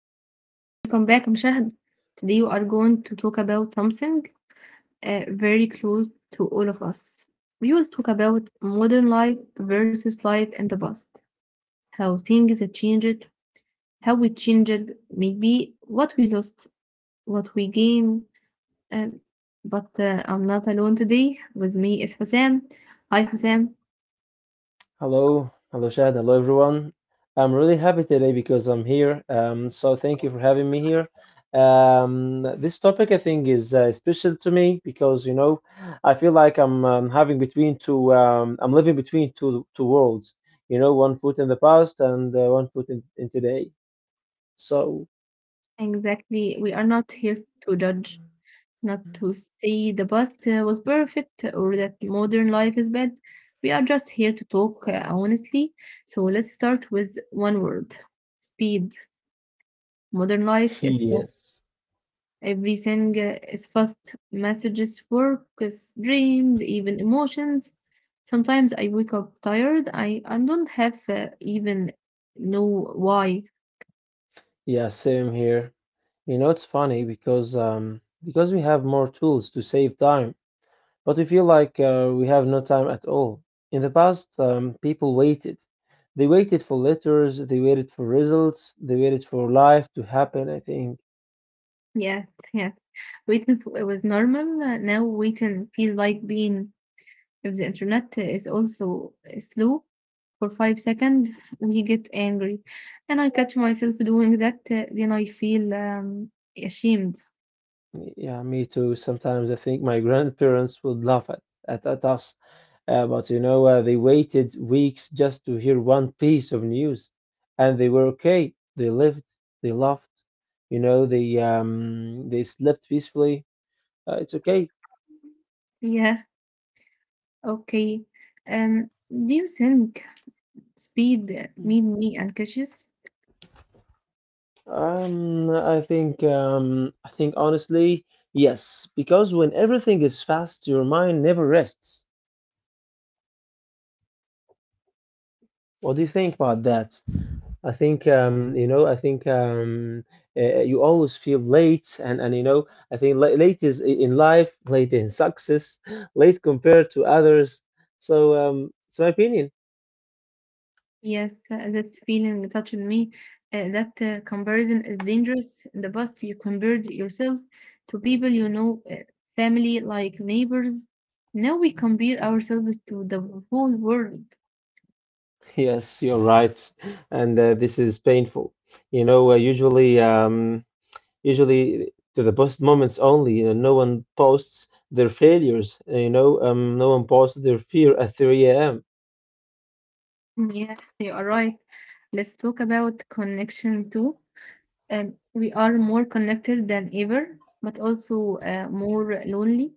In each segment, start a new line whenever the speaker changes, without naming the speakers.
everyone. Welcome back, Mshahad. Today we are going to talk about something very close to all of us. We will talk about modern life versus life in the past. How things have changed, how we changed, maybe what we lost, what we gained. Um, but I'm not alone today. With me is Husam. Hi, Husam.
Hello, hello, Shad. Hello, everyone. I'm really happy today because I'm here. So thank you for having me here. This topic I think is special to me because you know I feel like I'm having between two. I'm living between two worlds. You know, one foot in the past and one foot in today. So
Exactly. We are not here to judge. Not to say the past was perfect or that modern life is bad. We are just here to talk honestly. So let's start with one word, speed. Modern life is fast.
yes,
Everything is fast. Messages, work, is dreams, even emotions. Sometimes I wake up tired. I don't have even know why.
yeah, same here. You know, it's funny because we have more tools to save time, but I feel like we have no time at all. In the past, people waited. They waited for letters, they waited for results, they waited for life to happen, I think.
Yeah, yeah. Waiting for, it was normal. Now waiting feels like being. If the internet is also slow for 5 seconds, we get angry. And I catch myself doing that, then I feel ashamed.
Yeah, me too. Sometimes I think my grandparents would laugh at us. But you know, they waited weeks just to hear one piece of news, and they were okay. They lived, they loved, you know, they slept peacefully. It's okay.
Yeah, okay. Do you think speed made me unconscious?
I think honestly, yes, because when everything is fast, your mind never rests. What do you think about that? I think you know, I think You always feel late, and you know, I think late is in life, late in success, late compared to others. It's my opinion.
Yes, this feeling touched me. That comparison is dangerous. In the past, you compared yourself to people you know, family, like neighbors. Now we compare ourselves to the whole world.
Yes, you're right, and this is painful. You know, uh, usually um. Usually to the post moments only. You know, no one posts their failures. You know, no one posts their fear at 3 a.m.
Yeah, you are right. Let's talk about connection too. We are more connected than ever, but also more lonely.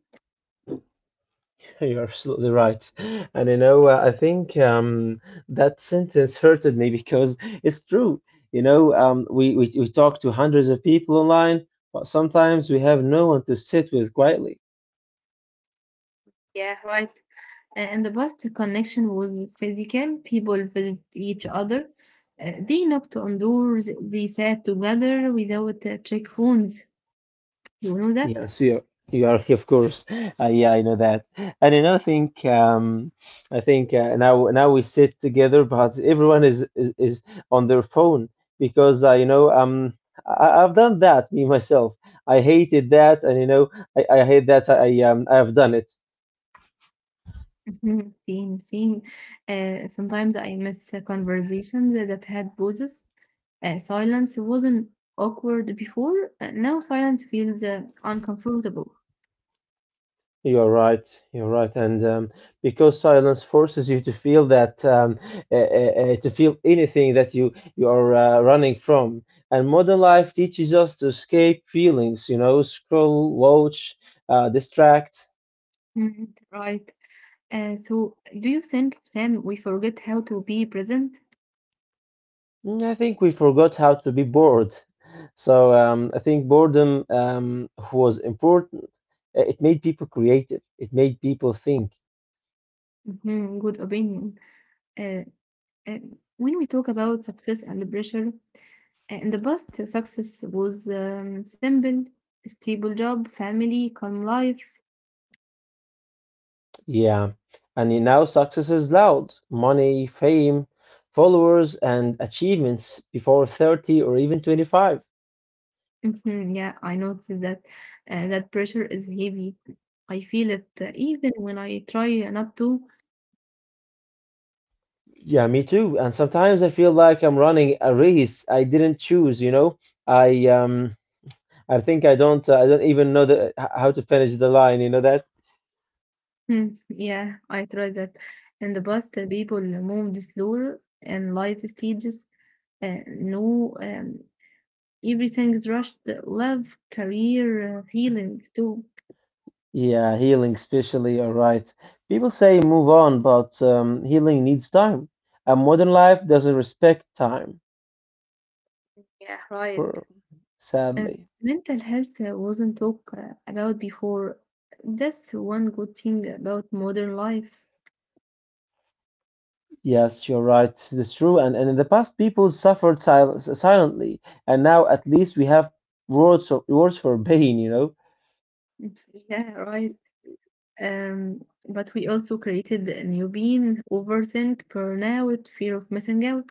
You're absolutely right. And you know, I think that sentence hurted me because it's true. You know, we talk to hundreds of people online, but sometimes we have no one to sit with quietly.
Yeah, right. In the past, the connection was physical. People visit each other. They knocked on doors. They sat together without check phones. You know that?
Yes, you are of course. Yeah, I know that. And you know, I think Now we sit together, but everyone is on their phone because I've done that me myself. I hated that, and you know I hate that I've done it.
Mhm. Same, same. Sometimes I miss conversations that had pauses. Silence wasn't awkward before. Now silence feels uncomfortable.
You're right. You're right, and because silence forces you to feel that to feel anything that you are running from, and modern life teaches us to escape feelings. You know, scroll, watch, distract.
Mhm. Right. So, do you think, Sam, we forget how to be present?
Mm, I think we forgot how to be bored. I think boredom was important. It made people creative. It made people think.
Mhm. Good opinion. Uh, uh, when we talk about success and pressure, in the past, success was simple, stable job, family, calm life.
Yeah, and you now success is loud. Money, fame, followers, and achievements before 30 or even 25.
Mhm. Yeah, I noticed that, that pressure is heavy. I feel it even when I try not to.
Yeah, me too. And sometimes I feel like I'm running a race I didn't choose, you know? I um I think I don't even know how to finish the line, you know that?
Hmm, yeah, I try that. In the past, people moved slower and life stages. No, everything is rushed. Love, career, healing too.
Yeah, healing especially, all right. People say move on, but healing needs time. And modern life doesn't respect time
Yeah, right.
for
And
sadly.
mental health wasn't talked about before. That's one good thing about modern life.
Yes, you're right. That's true. And in the past, people suffered silently, and now at least we have words for pain, you know?
Yeah, right. Um, but we also created a new being, overthink, burnout, fear of missing out.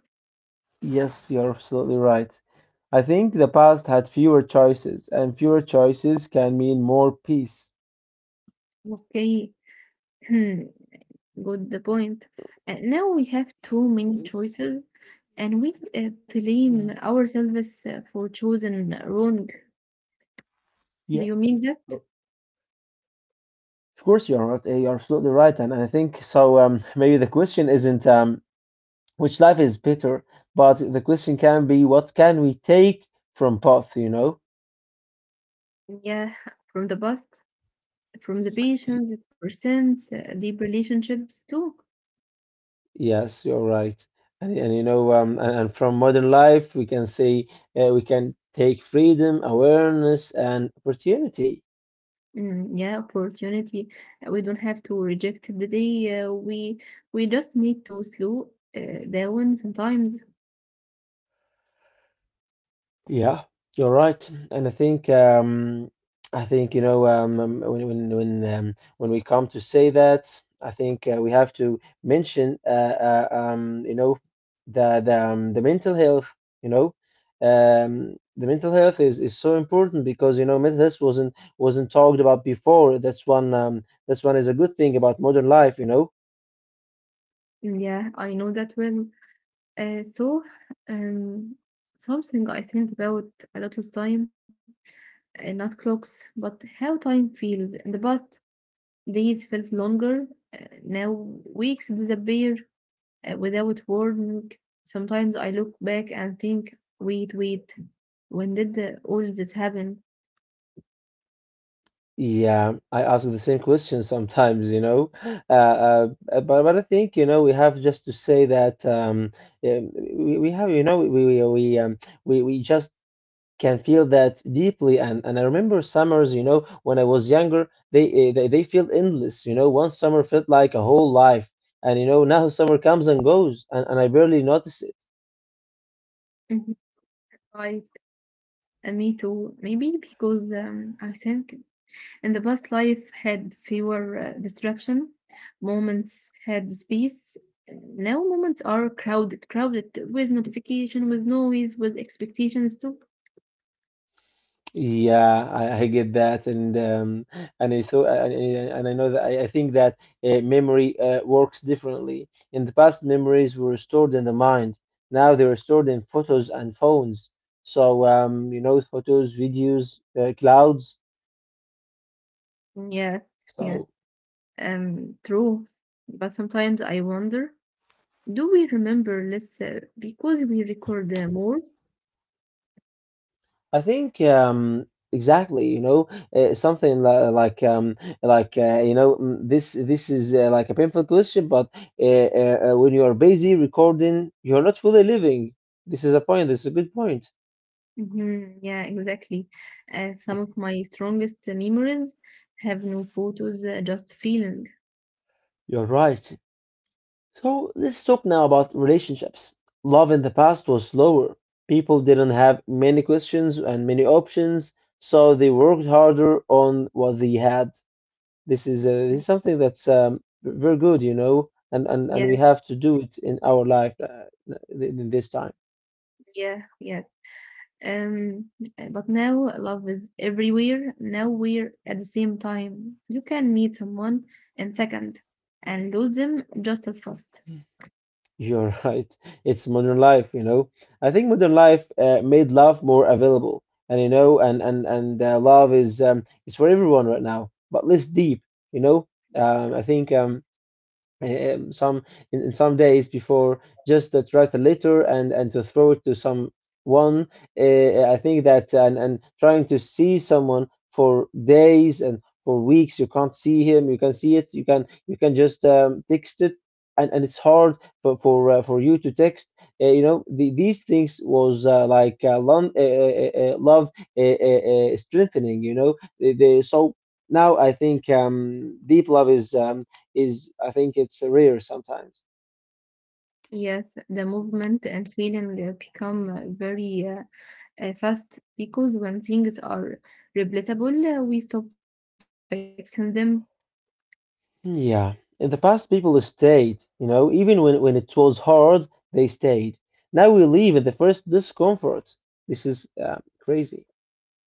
Yes, you're absolutely right. I think the past had fewer choices, and fewer choices can mean more peace.
Okay. Good point. Now we have too many choices, and we blame
Mm.
ourselves for choosing wrong.
Yeah.
Do you mean that?
Of course, you are right. You're absolutely right, and I think so. Maybe the question isn't which life is better, but the question can be what can we take from both, you know?
Yeah, from the past, from the patients, persons, deep relationships too.
Yes, you're right. And you know, and from modern life, we can say we can take freedom, awareness, and opportunity.
Mm, yeah, opportunity. We don't have to reject the day. We just need to slow down sometimes.
Yeah, you're right, and I think you know when we come to say that, I think we have to mention you know the mental health. You know, the mental health is so important because you know mental health wasn't talked about before. That's one is a good thing about modern life. You know,
Mm, yeah, I know that well. So, um, something I think about a lot of time, not clocks, but how time feels. In the past, days felt longer. Now weeks disappear without warning. Sometimes I look back and think, wait, wait, when did all this happen?
yeah, I ask the same question sometimes, you know. But I think, you know, we have just to say that we have, you know, we just can feel that deeply. And I remember summers, you know, when I was younger, they feel endless, you know. One summer felt like a whole life, and you know, now summer comes and goes, and I barely notice it.
Mhm. Right, me too. Maybe because I think in the past, life had fewer distraction. Moments had space. Now moments are crowded, crowded with notification, with noise, with expectations too.
Yeah, I get that, and I so and I know that I think that memory works differently. In the past, memories were stored in the mind. Now they are stored in photos and phones. You know, photos, videos, clouds.
Yes, yes,
So.
true. But sometimes I wonder, do we remember less because we record more?
I think Exactly, you know, something li- like you know, this is like a painful question, but when you are busy recording, you're not fully living. This is a point. This is a good point.
Mhm, yeah, exactly. Some of my strongest memories have no photos, just feeling.
You're right. So let's talk now about relationships. Love in the past was slower. People didn't have many questions and many options, so they worked harder on what they had. This is something that's very good, you know, and
Yeah,
we have to do it in our life in this time.
yeah, yeah. Um, but now love is everywhere, nowhere at the same time. You can meet someone in second and lose them just as fast.
You're right. It's modern life, you know. I think modern life made love more available, and you know, and love is for everyone right now, but less deep, you know. I think some in some days before just to write a letter and to throw it to someone, I think that and trying to see someone for days and for weeks you can't see him, you can see it, you can just text it, and it's hard for you to text, you know these things was like love uh, uh, strengthening, you know the so now I think deep love is, I think it's rare sometimes.
Yes, the movement and feeling become very fast, because when things are replaceable, we stop fixing them.
Yeah, in the past, people stayed, you know, even when it was hard, they stayed. Now we leave at the first discomfort. This is crazy.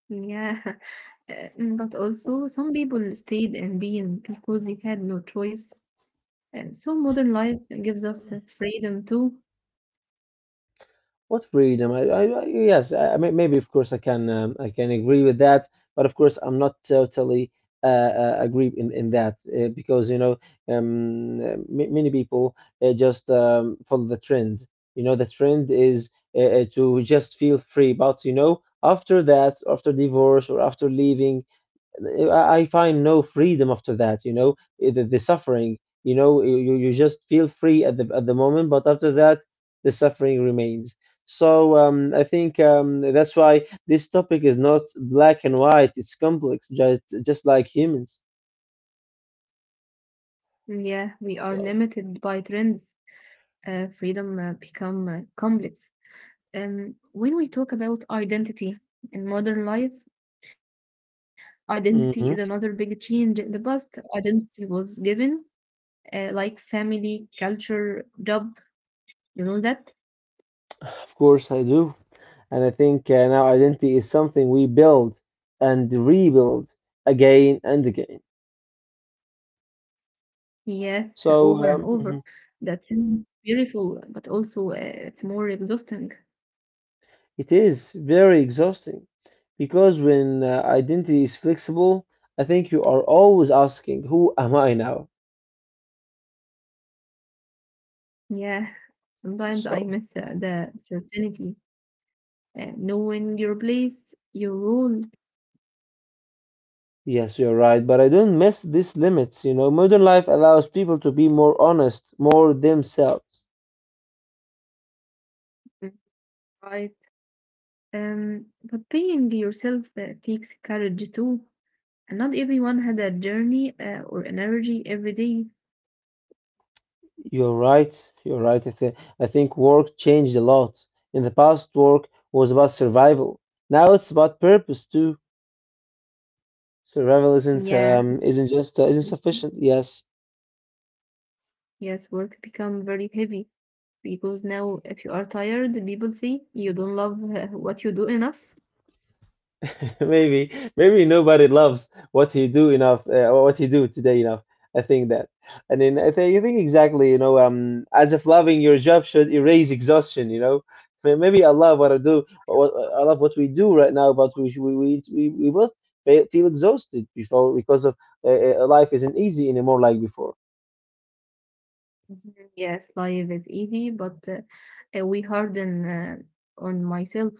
Yeah. Uh, but also some people stayed in being because they had no choice. And so modern life gives us freedom too.
What freedom? I yes, I maybe of course I can agree with that, but of course I'm not totally agree in that because you know many people just follow the trend. You know, the trend is to just feel free, but you know, after that, after divorce or after leaving, I find no freedom after that, you know, the suffering, you know, you just feel free at the moment, but after that, the suffering remains. So I think that's why this topic is not black and white, it's complex, just like humans.
Yeah, we are limited by
So,
trends. Freedom become complex. When we talk about identity in modern life, identity is another big change. In
hmm
the past, identity was given, like family, culture, job. You know that?
of course I do. And I think now identity is something we build and rebuild again and again.
Yes, over and
So,
over.
mhm.
That sounds beautiful, but also it's more exhausting.
It is very exhausting because when identity is flexible, I think you are always asking, who am I now?
Yeah, sometimes I
So,
miss the certainty, knowing your place, your role.
yes, you're right, but I don't miss these limits. You know, modern life allows people to be more honest, more themselves.
Right. But being yourself takes courage too. And not everyone had a journey or an energy every day.
You're right, you're right. I think work changed a lot. In the past, work was about survival. Now it's about purpose too. Survival
Yeah.
isn't sufficient. Yes,
Yes, work become very heavy because now if you are tired, people say you don't love what you do enough.
maybe, maybe nobody loves what he do enough, or what he do today enough. I think that, and then I think exactly, you know, as if loving your job should erase exhaustion, you know. Maybe I love what I do, I love what we do right now, but we both feel exhausted before because of life isn't easy anymore like before.
Mhm. Yes, life is easy, but we harden on myself.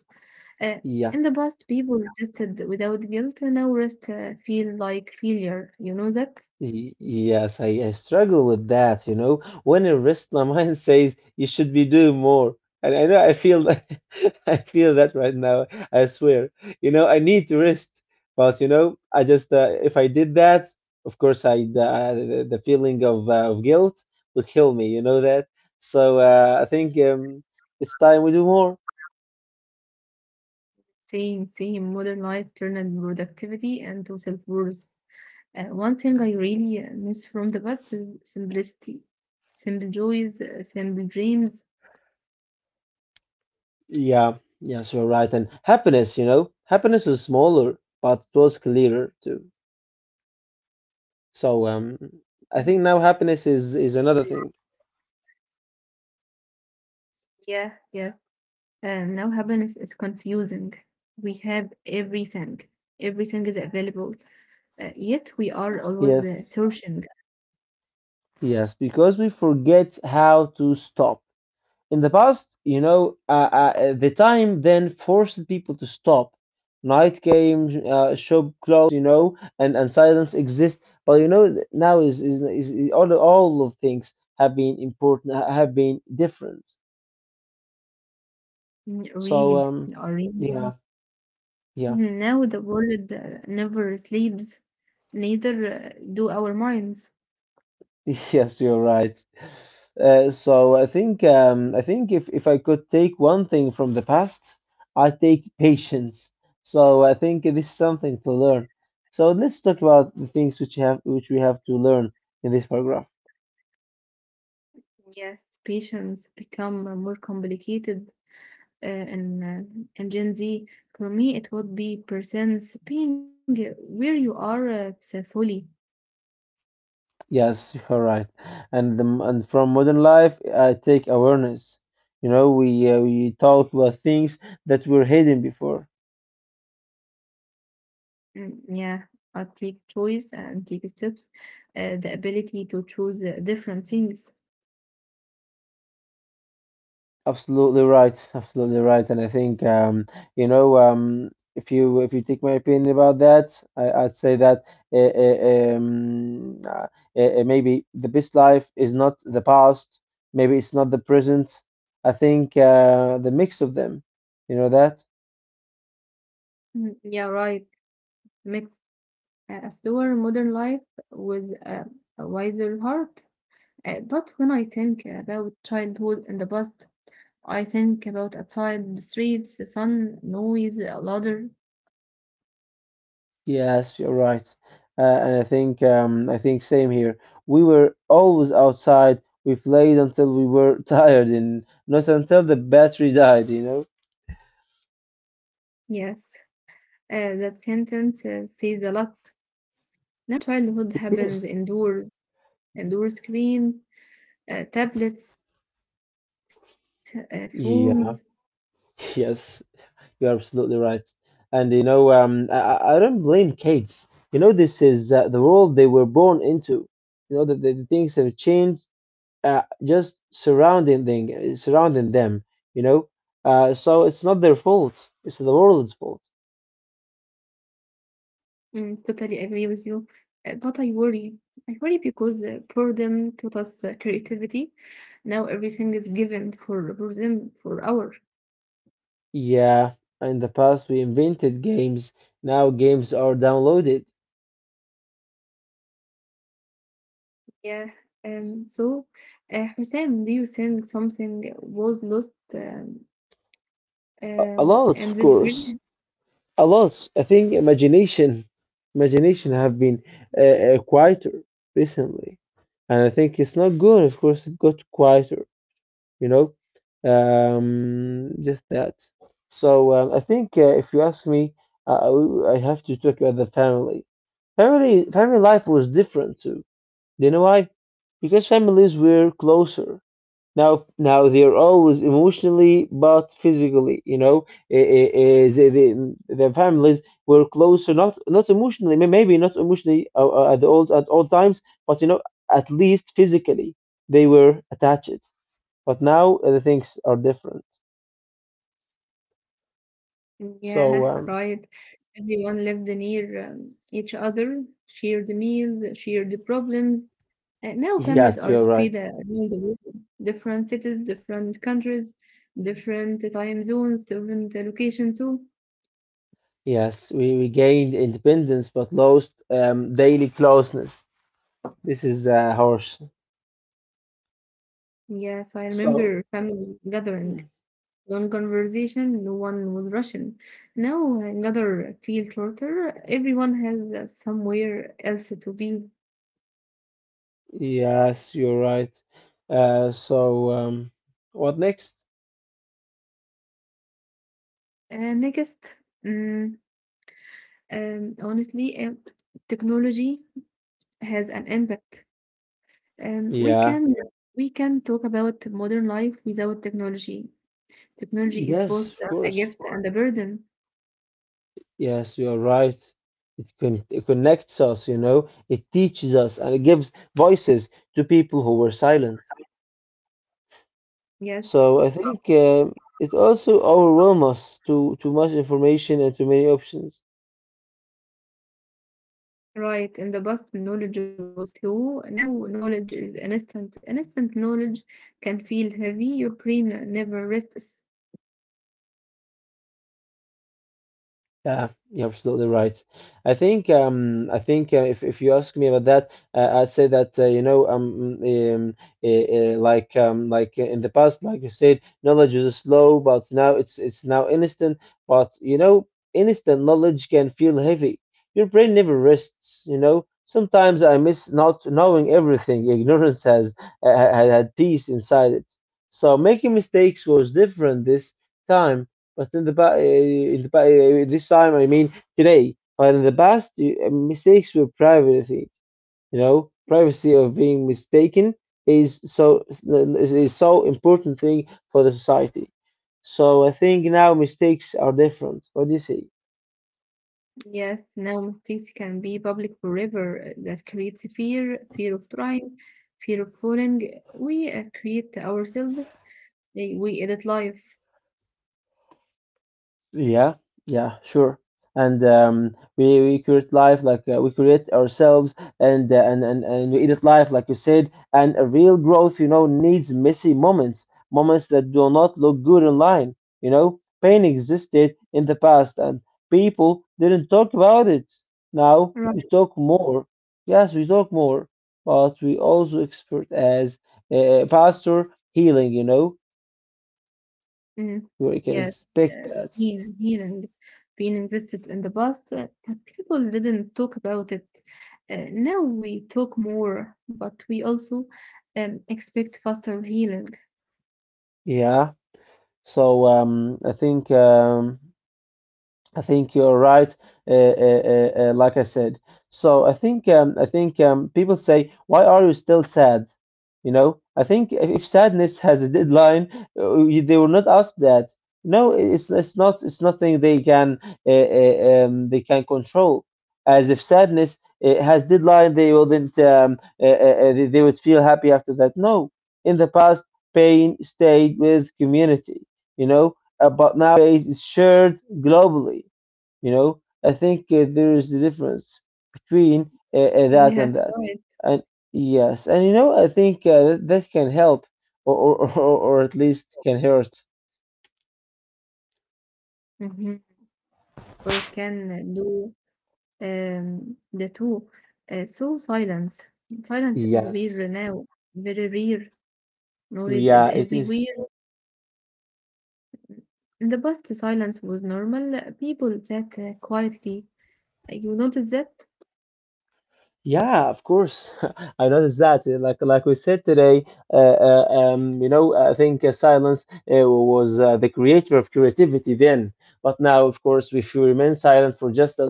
Uh,
Yeah.
in the past, people rested without guilt, and now rest feel like failure. You know that?
Yes, I struggle with that, you know. When a wrist my mind says you should be doing more, and I know I feel that- I feel that right now. I swear, you know, I need to rest, but you know, I just if I did that, of course, I the feeling of guilt will kill me. You know that, so I think it's time we do more.
Same, same. Modern life turned productivity and to self-worth. One thing I really miss from the past is simplicity, simple joys, simple dreams.
Yeah, yes, you're right. And happiness, you know, happiness was smaller, but it was clearer too. So um,
Mhm.
I think now happiness is another thing.
Yeah, yeah. Now happiness is confusing. We have everything. Everything is available, yet we are always
Yes.
searching.
Yes, because we forget how to stop. In the past, you know, the time then forced people to stop. Night came, shop closed, you know, and silence exists. But you know, now is all of things have been important, have been different.
Mm,
So
really, or really.
yeah, yeah.
Now the world never sleeps, neither do our minds.
Yes, you're right. So I think I think if I could take one thing from the past, I take patience. So I think this is something to learn. So let's talk about the things which we have to learn in this paragraph.
Yes, patients become more complicated in in Gen Z. For me, it would be presence, being where you are fully.
Yes, you're right. And from modern life, I take awareness. You know, we talk about things that were hidden before.
Mm, yeah, I take choice and take steps. The ability to choose different things.
Absolutely right. Absolutely right. And I think you know, if you take my opinion about that, I'd say that uh, uh, um, uh, maybe the best life is not the past. Maybe it's not the present. I think the mix of them. You know that?
Mm, yeah, right. Mix a slower modern life with a wiser heart. But when I think about childhood in the past, I think about outside the streets, the sun, noise, a ladder.
Yes, you're right. And I think I think same here. We were always outside. We played until we were tired and not until the battery died, you know?
Yes, that sentence says a lot. Now, childhood
It is.
happens indoors, indoor screen, tablets, phones.
Yeah, yes, you're absolutely right. And you know, I don't blame kids. You know, this is the world they were born into. You know, the things have changed, just surrounding thing, surrounding them, you know? So it's not their fault. It's the world's fault.
Mm, totally agree with you. But I worry. I worry because boredom taught us creativity. Now everything is given for them for hours.
Yeah, in the past we invented games. Now games are downloaded.
Yeah. So, Hussein, do you think something was lost
A lot, of
in this
course.
period?
A lot. I think imagination have been uh, quieter recently, and I think it's not good. Of course, it got quieter. You know, just that. So I think if you ask me, I have to talk about the family. Family, family life was different too. Do you know why? Because families were closer. Now they're always emotionally but physically. You know, the families were closer, not emotionally, maybe not emotionally at the old at all times, but you know, at least physically they were attached. But now the things are different. So
Yeah, right. Everyone lived near each other, shared meals, shared problems. Now families
yes,
are
you're
spread
right.
around the world, different cities, different countries, different time zones, different location too.
Yes, we gained independence but lost daily closeness. This is harsh.
Yes, I
So.
remember family gathering, long conversation, no one was rushing. Now another feel shorter, everyone has somewhere else to be.
Yes, you're right. So, what next?
Next. mm, honestly, technology has an impact. We
Yeah.
can. Yeah. We can talk about modern life without technology. Technology is
Yes,
both
of
a
course.
gift and a burden.
Yes, you're right. It connects us, you know. It teaches us and it gives voices to people who were silent.
Yes,
So I think it also overwhelms us to too much information and too many options.
right. In the past, knowledge was slow. Now, knowledge is instant. Instant knowledge can feel heavy. Your brain never rests.
Yeah, you're absolutely right. I think if you ask me about that, I'd say that you know like in the past, like you said, knowledge is slow, but now it's now instant. But you know, instant knowledge can feel heavy. Your brain never rests. You know, sometimes I miss not knowing everything. Ignorance has had peace inside it. So making mistakes was different this time but this time, I mean today. But in the past, mistakes were privacy. You know, privacy of being mistaken is so is so important thing for the society. So I think now mistakes are different. What do you say?
Yes, now mistakes can be public forever. That creates fear, fear of trying, fear of falling. We create ourselves. They, we edit life.
Yeah, yeah, sure. And we create life like we create ourselves, and we edit life like you said. And a real growth, you know, needs messy moments, moments that do not look good online. You know, pain existed in the past, and people didn't talk about it. Now we
Right.
talk more. Yes, we talk more, but we also expert as a faster healing. You know,
Mhm.
we can
Yes,
expect that.
healing being existed in the past, but people didn't talk about it. Now we talk more, but we also expect faster healing.
Yeah. So I think I think you're right. Like I said, so I think people say, "Why are you still sad?" You know, I think if sadness has a deadline, they will not ask that. No, it's nothing they can control. As if sadness has deadline, they wouldn't they would feel happy after that. No, in the past, pain stayed with community. You know, but nowadays it's shared globally. You know, I think there is a difference between
Yes,
that and that.
right.
And yes, and you know, I think that can help, or or at least can hurt.
Hmm. Or it can do the two. So, silence is rare
Yes,
now, very rare. Noise is
yeah, it is.
everywhere. In the past, silence was normal. People sat quietly. You notice that?
Yeah, of course. I noticed that. Like we said today, you know, I think silence was the creator of creativity then. But now, of course, if you remain silent for just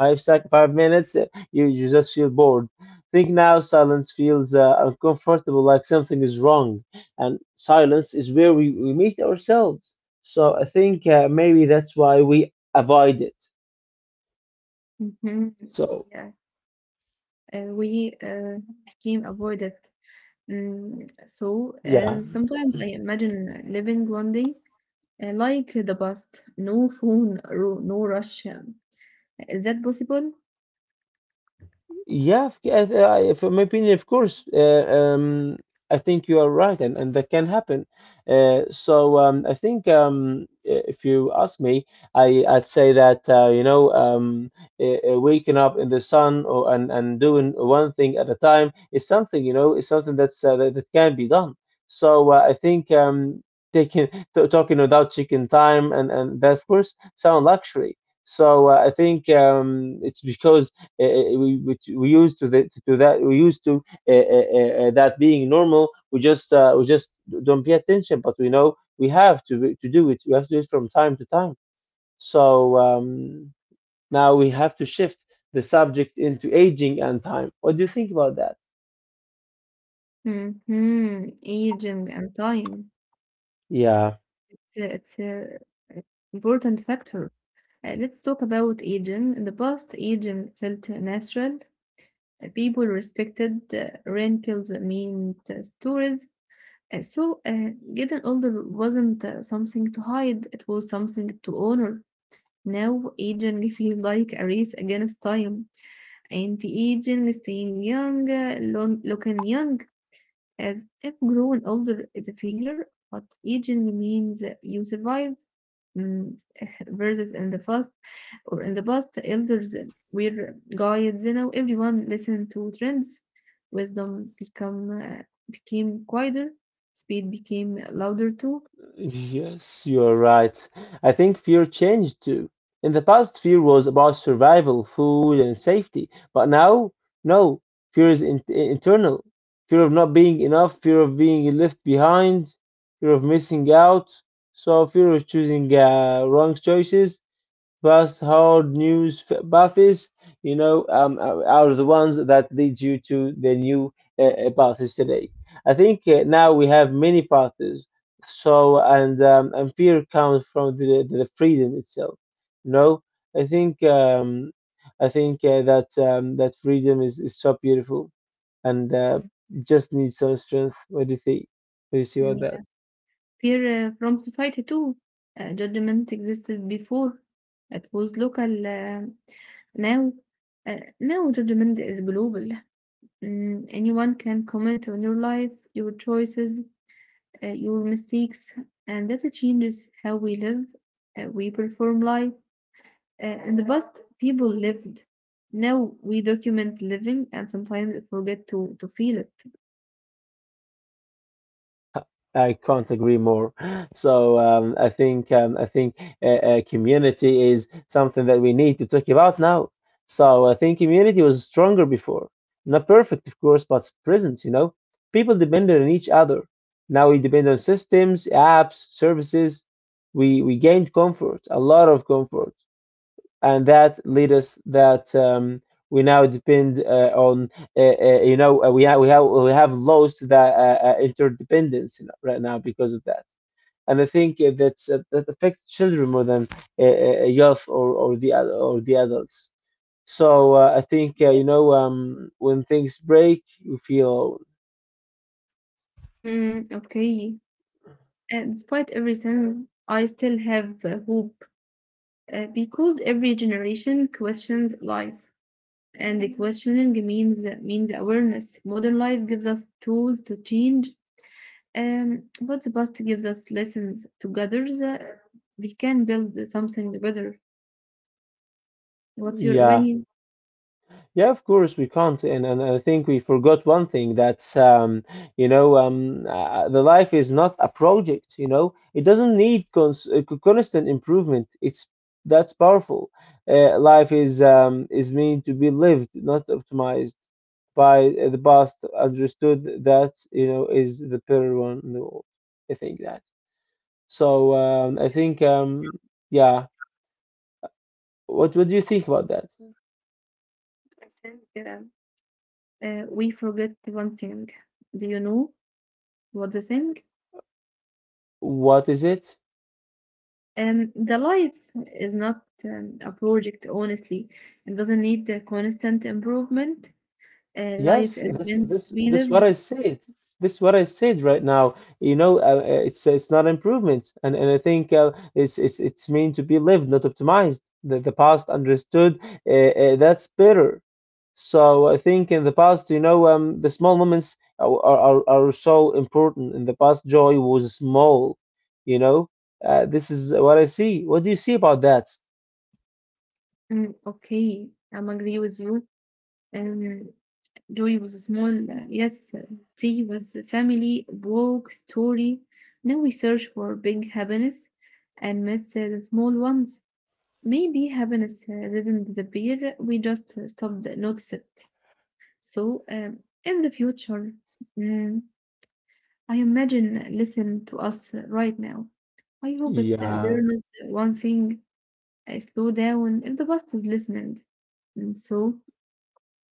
5 minutes, you just feel bored. Think now, silence feels uncomfortable, like something is wrong, and silence is where we meet ourselves. So I think maybe that's why we avoid it.
Hmm.
So
Yeah, we became avoided. Mm, so
yeah.
sometimes I imagine living one day like the past, no phone, no rush. Is that possible?
Yeah, yeah, from my opinion, of course. I think you are right, and that can happen. So I think if you ask me, I'd say that you know waking up in the sun and doing one thing at a time is something, you know, is something that's that can be done. So I think taking t talking without chicken time and that of course sound luxury. So I think it's because which we used to, to that we used to that being normal, we just don't pay attention, but we know we have to do it, we have to do it from time to time. So now we have to shift the subject into aging and time. What do you think about that?
Hmm. Aging and time.
Yeah.
It's a important factor. Let's talk about aging. In the past, aging felt natural. People respected wrinkles, mean stories. So, getting older wasn't something to hide, it was something to honor. Now aging feels like a race against time. Anti-aging, staying young, looking young, as if growing older is a failure, but aging means you survived. Mm, verses in the past, or in the past, elders were guides, you know, everyone listened to trends. Wisdom become became quieter, speed became louder too,
Yes, you are right. I think fear changed too. In the past, fear was about survival, food, and safety. But now, no, fear is in internal. Fear of not being enough, fear of being left behind, fear of missing out. So, fear of choosing wrong choices, fast, hard news paths, you know, are the ones that leads you to the new paths today. I think now we have many paths. So and fear comes from the freedom itself. You know, I think um, I think that that freedom is so beautiful and just needs some strength. What do you think? What do you see
and,
about that?
yeah, fear from society too. Judgment existed before; it was local. Now, now, judgment is global. Mm, anyone can comment on your life, your choices, your mistakes, and that changes how we live, we perform life. In the past, people lived. Now we document living and sometimes forget to feel it.
I can't agree more. So I think I think uh, community is something that we need to talk about now. So I think community was stronger before, not perfect, of course, but present. You know, people depended on each other. Now we depend on systems, apps, services. We gained comfort, a lot of comfort, and that lead us that we now depend on you know we have lost that interdependence right now because of that. And I think that affects children more than youth or the adults. So I think
Yes.
you know when things break you feel.
Mm, okay. And despite everything, I still have hope because every generation questions life, and the questioning means awareness. Modern life gives us tools to change. But the past gives us lessons together. We can build something better. What's your
Yeah.
opinion?
Yeah, of course we can't, and I think we forgot one thing that's you know the life is not a project. You know, it doesn't need constant improvement. It's that's powerful. Life is meant to be lived, not optimized. By the past, understood that you know is the better one in the world. I think that. So I think yeah. What do you think about that?
I think we forget one thing. Do you know what the thing?
What is it?
The life is not a project, honestly. It doesn't need the constant improvement. Uh,
Yes,
life
this
is meant
this
to be
this what I
lived.
said. This what I said right now. You know, it's not improvement, and I think it's meant to be lived, not optimized. The past understood. That's better. So I think in the past, you know, the small moments are so important. In the past, joy was small. You know, this is what I see. What do you see about that?
Mm, okay, I'm agree with you. Um, Joy was a small, yes, tea was family, walk, story. Now we search for big happiness and miss the small ones. Maybe happiness didn't disappear, we just stopped notice it. So, um, in the future, mm, I imagine listen to us right now. I hope it
Yeah.
learns one thing, slow down if the bus is listening. And so,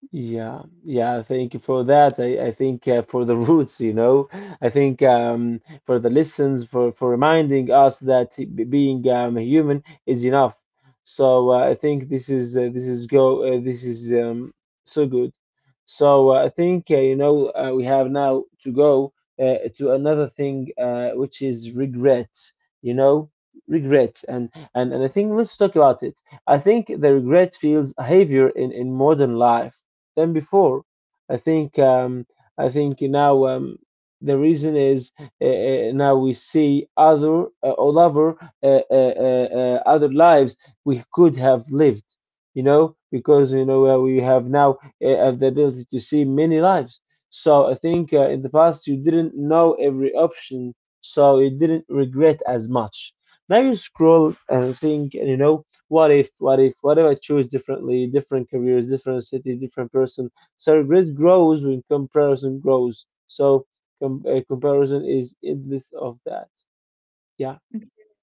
Yeah, yeah, thank you for that. I think for the roots, you know, I think for the lessons, for reminding us that being human is enough. I think this is so good. So I think we have now to go to another thing which is regret. You know, regret, and I think let's talk about it. I think the regret feels heavier in modern life than before. I think um, I think now the reason is now we see other all over other lives we could have lived, you know, because we have now have the ability to see many lives. So I think in the past you didn't know every option, so you didn't regret as much. Now you scroll and think, you know, what if what if I choose differently, different careers, different city, different person. So regret grows when comparison grows. So comparison is endless of that. Yeah.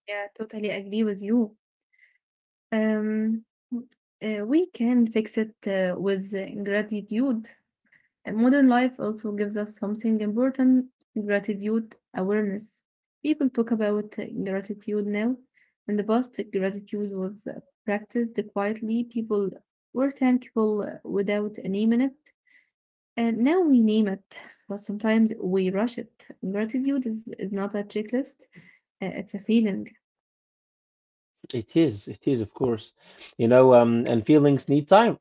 yeah, totally agree with you. Um, we can fix it with gratitude. And modern life also gives us something important gratitude awareness. People talk about gratitude now. In the past, gratitude was practiced quietly. People were thankful without naming it. And now we name it, but sometimes we rush it. Gratitude is not a checklist, it's a feeling.
It is, of course. You know, and feelings need time.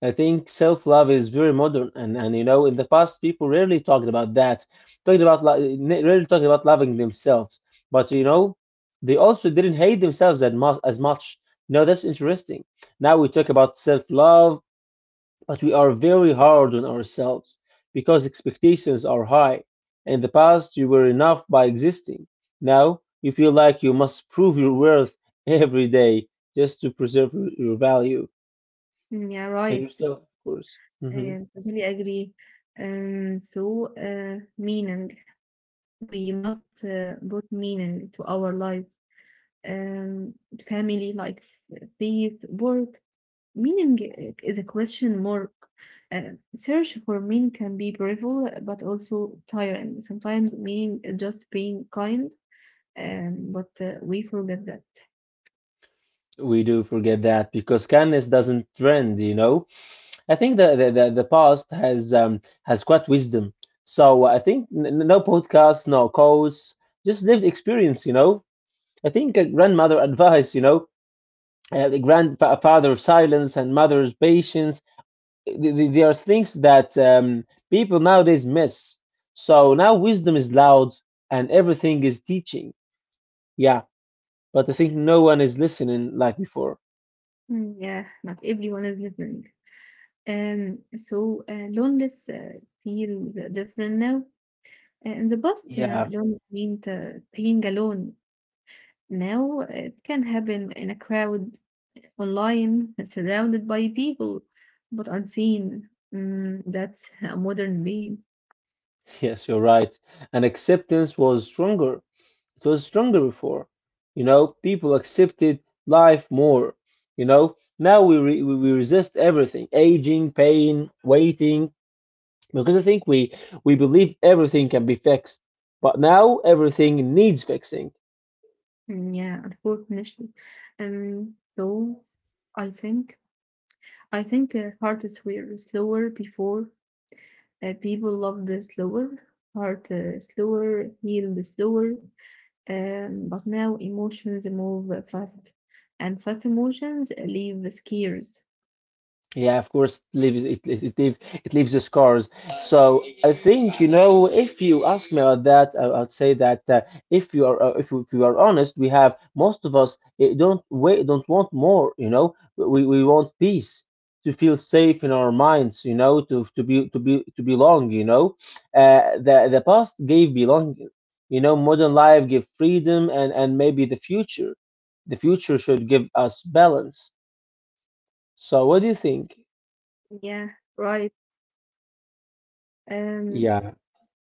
I think self-love is very modern, and you know, in the past, people rarely talked about that, talked about rarely talked about loving themselves. But you know, they also didn't hate themselves as much. You know, that's interesting. Now we talk about self-love, but we are very hard on ourselves because expectations are high. In the past, you were enough by existing. Now, you feel like you must prove your worth every day just to preserve your value
Mm, yeah,
and
right.
yourself, of course. Hmm.
And totally agree. Meaning. We must put meaning to our life, um, family, like faith, work. Meaning is a question mark. Uh, Search for meaning can be beautiful, but also tiring. Sometimes meaning is just being kind, but we forget that.
We do forget that because kindness doesn't trend, you know. I think that the past has quite wisdom. So I think no podcasts, no quotes, just lived experience, you know. I think a grandmother advice, you know, the grandfather of silence and mother of patience. There are things that people nowadays miss. So now wisdom is loud and everything is teaching. Yeah, but I think no one is listening like before.
Mm, yeah, not everyone is listening. Loneliness feels different now. In the past,
Yeah,
loneliness meant being alone. Now it can happen in a crowd, online, surrounded by people, but unseen. Mm, that's a modern way.
yes, you're right. And acceptance was stronger. It was stronger before. You know, people accepted life more. You know, now we, re- we resist everything, aging, pain, waiting, because I think we believe everything can be fixed, but now everything needs fixing.
Mm, yeah, unfortunately. Um, so I think I think artists were slower before. People loved slower. Heart slower, healed slower. But now emotions move fast, and fast emotions leave scares.
Yeah, of course, it leaves it leaves the scars. So I think, you know, if you ask me about that, I'd say that if you are if, if you are honest, we have most of us eh, don't we don't want more. You know, we want peace to feel safe in our minds. You know, to belong. You know, the past gave belonging. You know, modern life gave freedom, and maybe the future should give us balance. So what do you think?
Yeah, right. Um,
Yeah.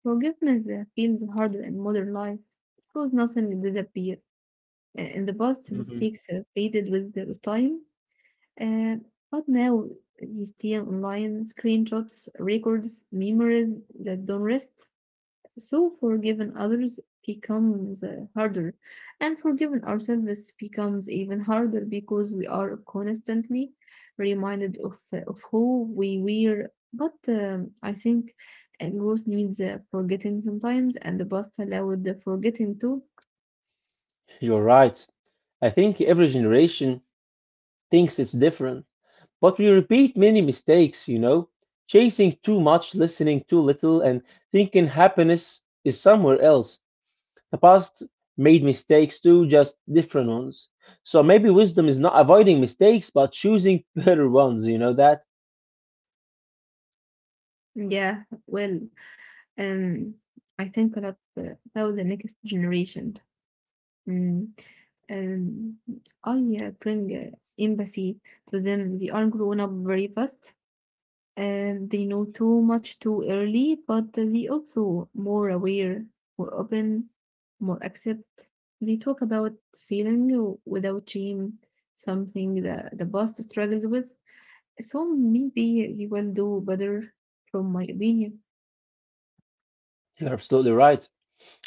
Forgiveness feels harder in modern life because nothing disappears. In the past,
Mhm.
mistakes faded with the time, uh, but now they stay online screenshots, records, memories that don't rest. So forgiving others becomes harder, and forgiving ourselves becomes even harder because we are constantly reminded of who we were. But I think growth needs forgetting sometimes, and the past allowed the forgetting too.
You're right. I think every generation thinks it's different, but we repeat many mistakes, you know? Chasing too much, listening too little, and thinking happiness is somewhere else. The past made mistakes too, just different ones. So maybe wisdom is not avoiding mistakes, but choosing better ones, you know that?
Yeah, well, um, I think that uh, about the next generation. Mm. Um, I bring empathy to them. They are grown up very fast and they know too much too early, but they also more aware, more open, more accept. They talk about feeling without shame, something that the boss struggles with. So maybe they will do better, from my opinion.
You're absolutely right.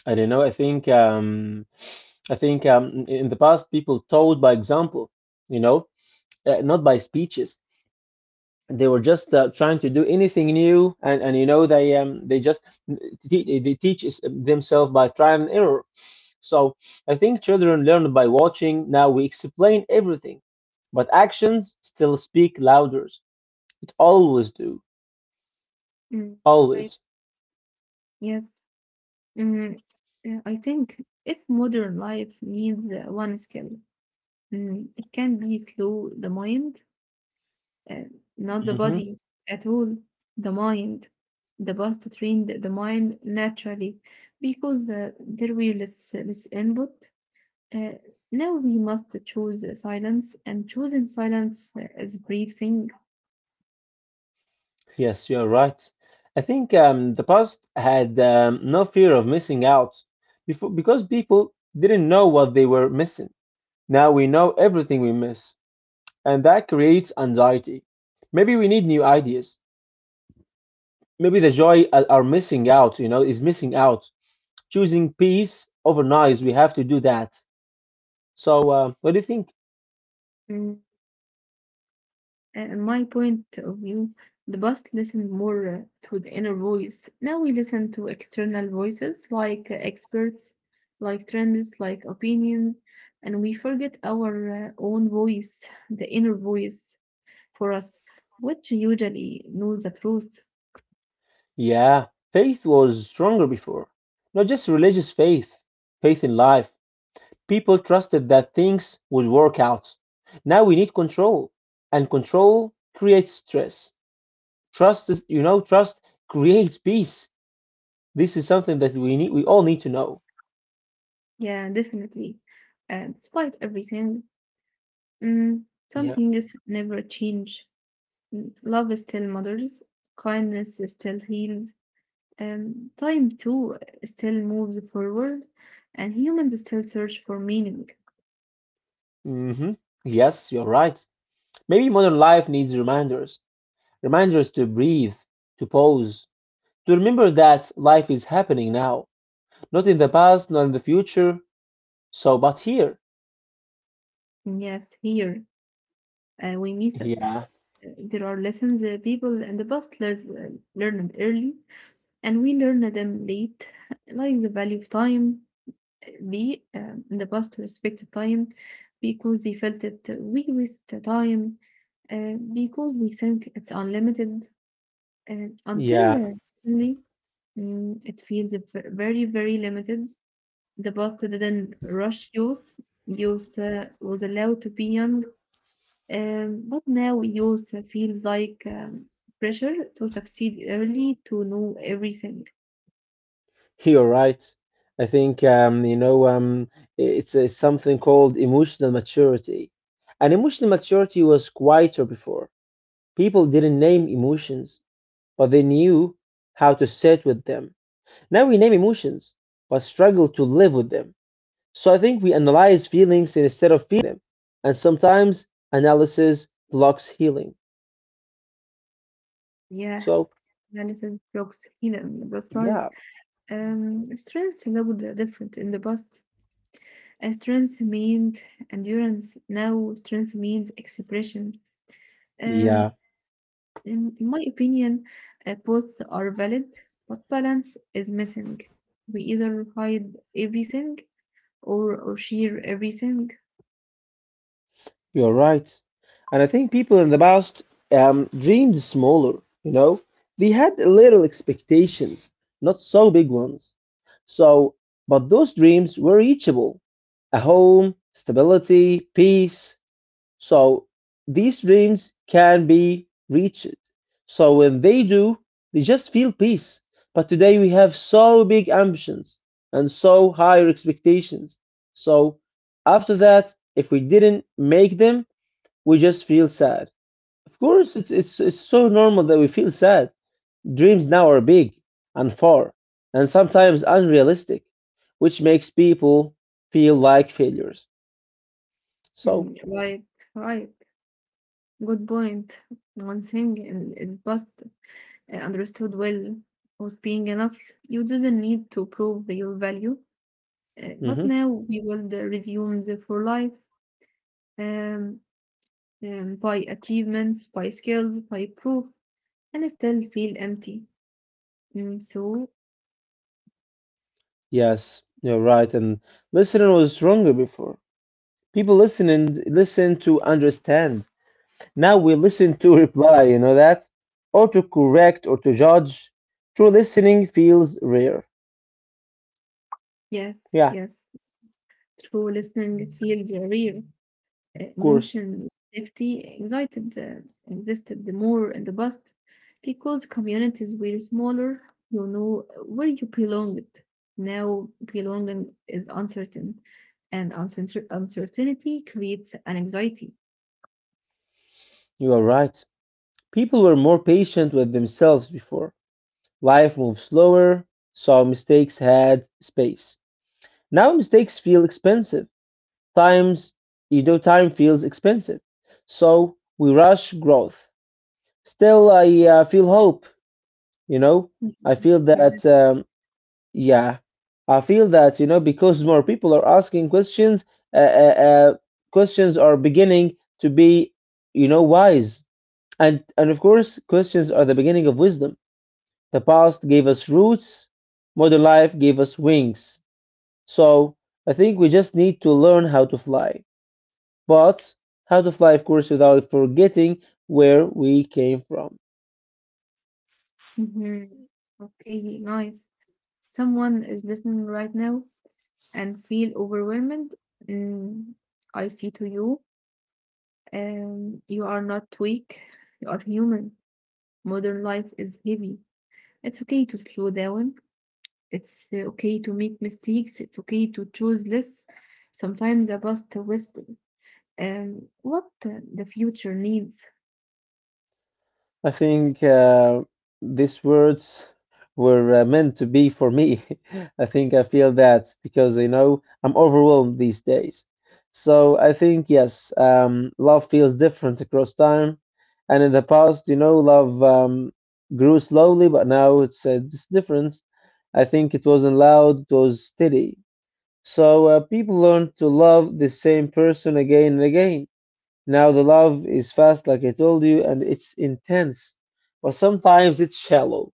I don't know. I think in the past people taught by example, you know, not by speeches. They were just trying to do anything new, and you know, they themselves by trial and error. So I think children learn by watching. Now we explain everything, but actions still speak louder. It always do.
Mm,
Always.
right. Yes. Mm, I think if modern life needs one skill, it can be slow the mind. Uh, Not the
Hmm.
body at all, the mind. The past trained the mind naturally because there were less input. Uh, Now we must choose silence, and choosing silence is breathing.
Yes, you are right. I think the past had no fear of missing out before because people didn't know what they were missing. Now we know everything we miss, and that creates anxiety. Maybe we need new ideas. Maybe the joy are missing out, you know, is missing out. Choosing peace over noise, we have to do that. So, what do you think?
My point of view, the past listened more to the inner voice. Now we listen to external voices like experts, like trends, like opinions, and we forget our own voice, the inner voice for us, which usually knows the truth.
Yeah, faith was stronger before. Not just religious faith, faith in life. People trusted that things would work out. Now we need control, and control creates stress. Trust is, you know, trust creates peace. This is something that we need, we all need to know.
Yeah, definitely. And despite everything, mm, some things never change. Mm, love still mothers, kindness still heals, time too still moves forward, and humans still search for meaning.
Hmm. Yes, you're right. Maybe modern life needs reminders. Reminders to breathe, to pause, to remember that life is happening now, not in the past, not in the future, so but here.
Yes, here we miss it.
Yeah,
There are lessons people in the past learned early, and we learn them late, like the value of time. We in the past respected time because they felt that we waste the time because we think it's unlimited uh, until
yeah,
uh, suddenly it feels very, very limited. The bus didn't rush youth. Youth was allowed to be young, but now youth feels like pressure to succeed early, to know everything.
you're right. I think it's something called emotional maturity. And emotional maturity was quieter before. People didn't name emotions, but they knew how to sit with them. Now we name emotions, but struggle to live with them. So I think we analyze feelings instead of feeling them. And sometimes analysis blocks healing.
Yeah,
So,
Jonathan Brooks, he know, that's right.
yeah,
Strength looked different in the past. Strength meant endurance. Now strength means expression. Um,
yeah,
in my opinion, both are valid, but balance is missing. We either hide everything or share everything.
you're right. And I think people in the past dreamed smaller, you know? They had little expectations, not so big ones. So, but those dreams were reachable, a home, stability, peace. So these dreams can be reached. So when they do, they just feel peace. But today we have so big ambitions and so higher expectations. So after that, if we didn't make them, we just feel sad. Of course, it's so normal that we feel sad. Dreams now are big and far and sometimes unrealistic, which makes people feel like failures. So,
Mm, right, right. Good point. Is best understood well was being enough. You didn't need to prove your value, but
mhm.
now we will resume the for life um, by achievements, by skills, by proof, and still feel empty. Mm, so
Yes, you're right. And listening was stronger before. People listen and listen to understand. Now we listen to reply, you know that? Or to correct or to judge. True listening feels rare.
yes,
Yeah, of
yes. True listening feels real.
course.
Emotion, safety, excited existed the more in the past because communities were smaller, you know where you belonged. Now belonging is uncertain, and uncertainty creates an anxiety.
You are right. People were more patient with themselves before. Life moved slower, so mistakes had space. Now mistakes feel expensive. Times, you know, time feels expensive. So we rush growth. Still, I feel hope, you know? I feel that,
Yeah.
yeah, I feel that, you know, because more people are asking questions, uh, uh, uh, questions are beginning to be, you know, wise. And of course, questions are the beginning of wisdom. The past gave us roots, modern life gave us wings. So I think we just need to learn how to fly. But how to fly, of course, without forgetting where we came from.
Hmm. Okay, nice. Someone is listening right now and feel overwhelmed. Mm, I see to you. You are not weak. You are human. Modern life is heavy. It's okay to slow down. It's okay to make mistakes. It's okay to choose less. Sometimes a bus whisper. What the future needs,
I think these words were meant to be for me. I think I feel that because you know I'm overwhelmed these days. So I think yes, love feels different across time, and in the past, you know, love grew slowly, but now it's different. I think it wasn't loud; it was steady. So people learn to love the same person again and again. Now the love is fast, like I told you, and it's intense, but sometimes it's shallow.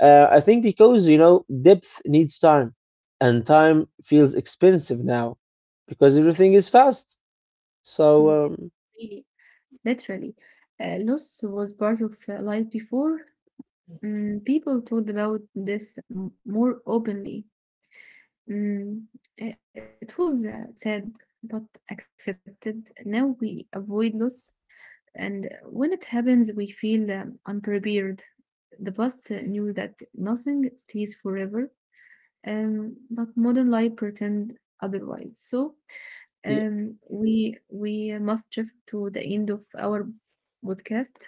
I think because, you know, depth needs time, and time feels expensive now because everything is fast. So,
Mm, really, literally. Loss was part of life before. People talked about this more openly. Mm, it was sad but accepted. Now we avoid loss. And when it happens, we feel unprepared. The past knew that nothing stays forever, but modern life pretend otherwise. So
yeah,
um, we we must shift to the end of our podcast.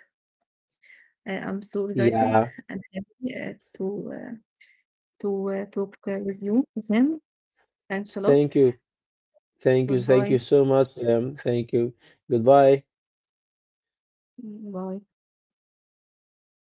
I'm so excited
yeah.
and happy to talk with you, Sam. Thanks a lot.
Thank you. Thank you. Thank you
Goodbye.
so much. Thank you. Goodbye.
Bye.
Bye.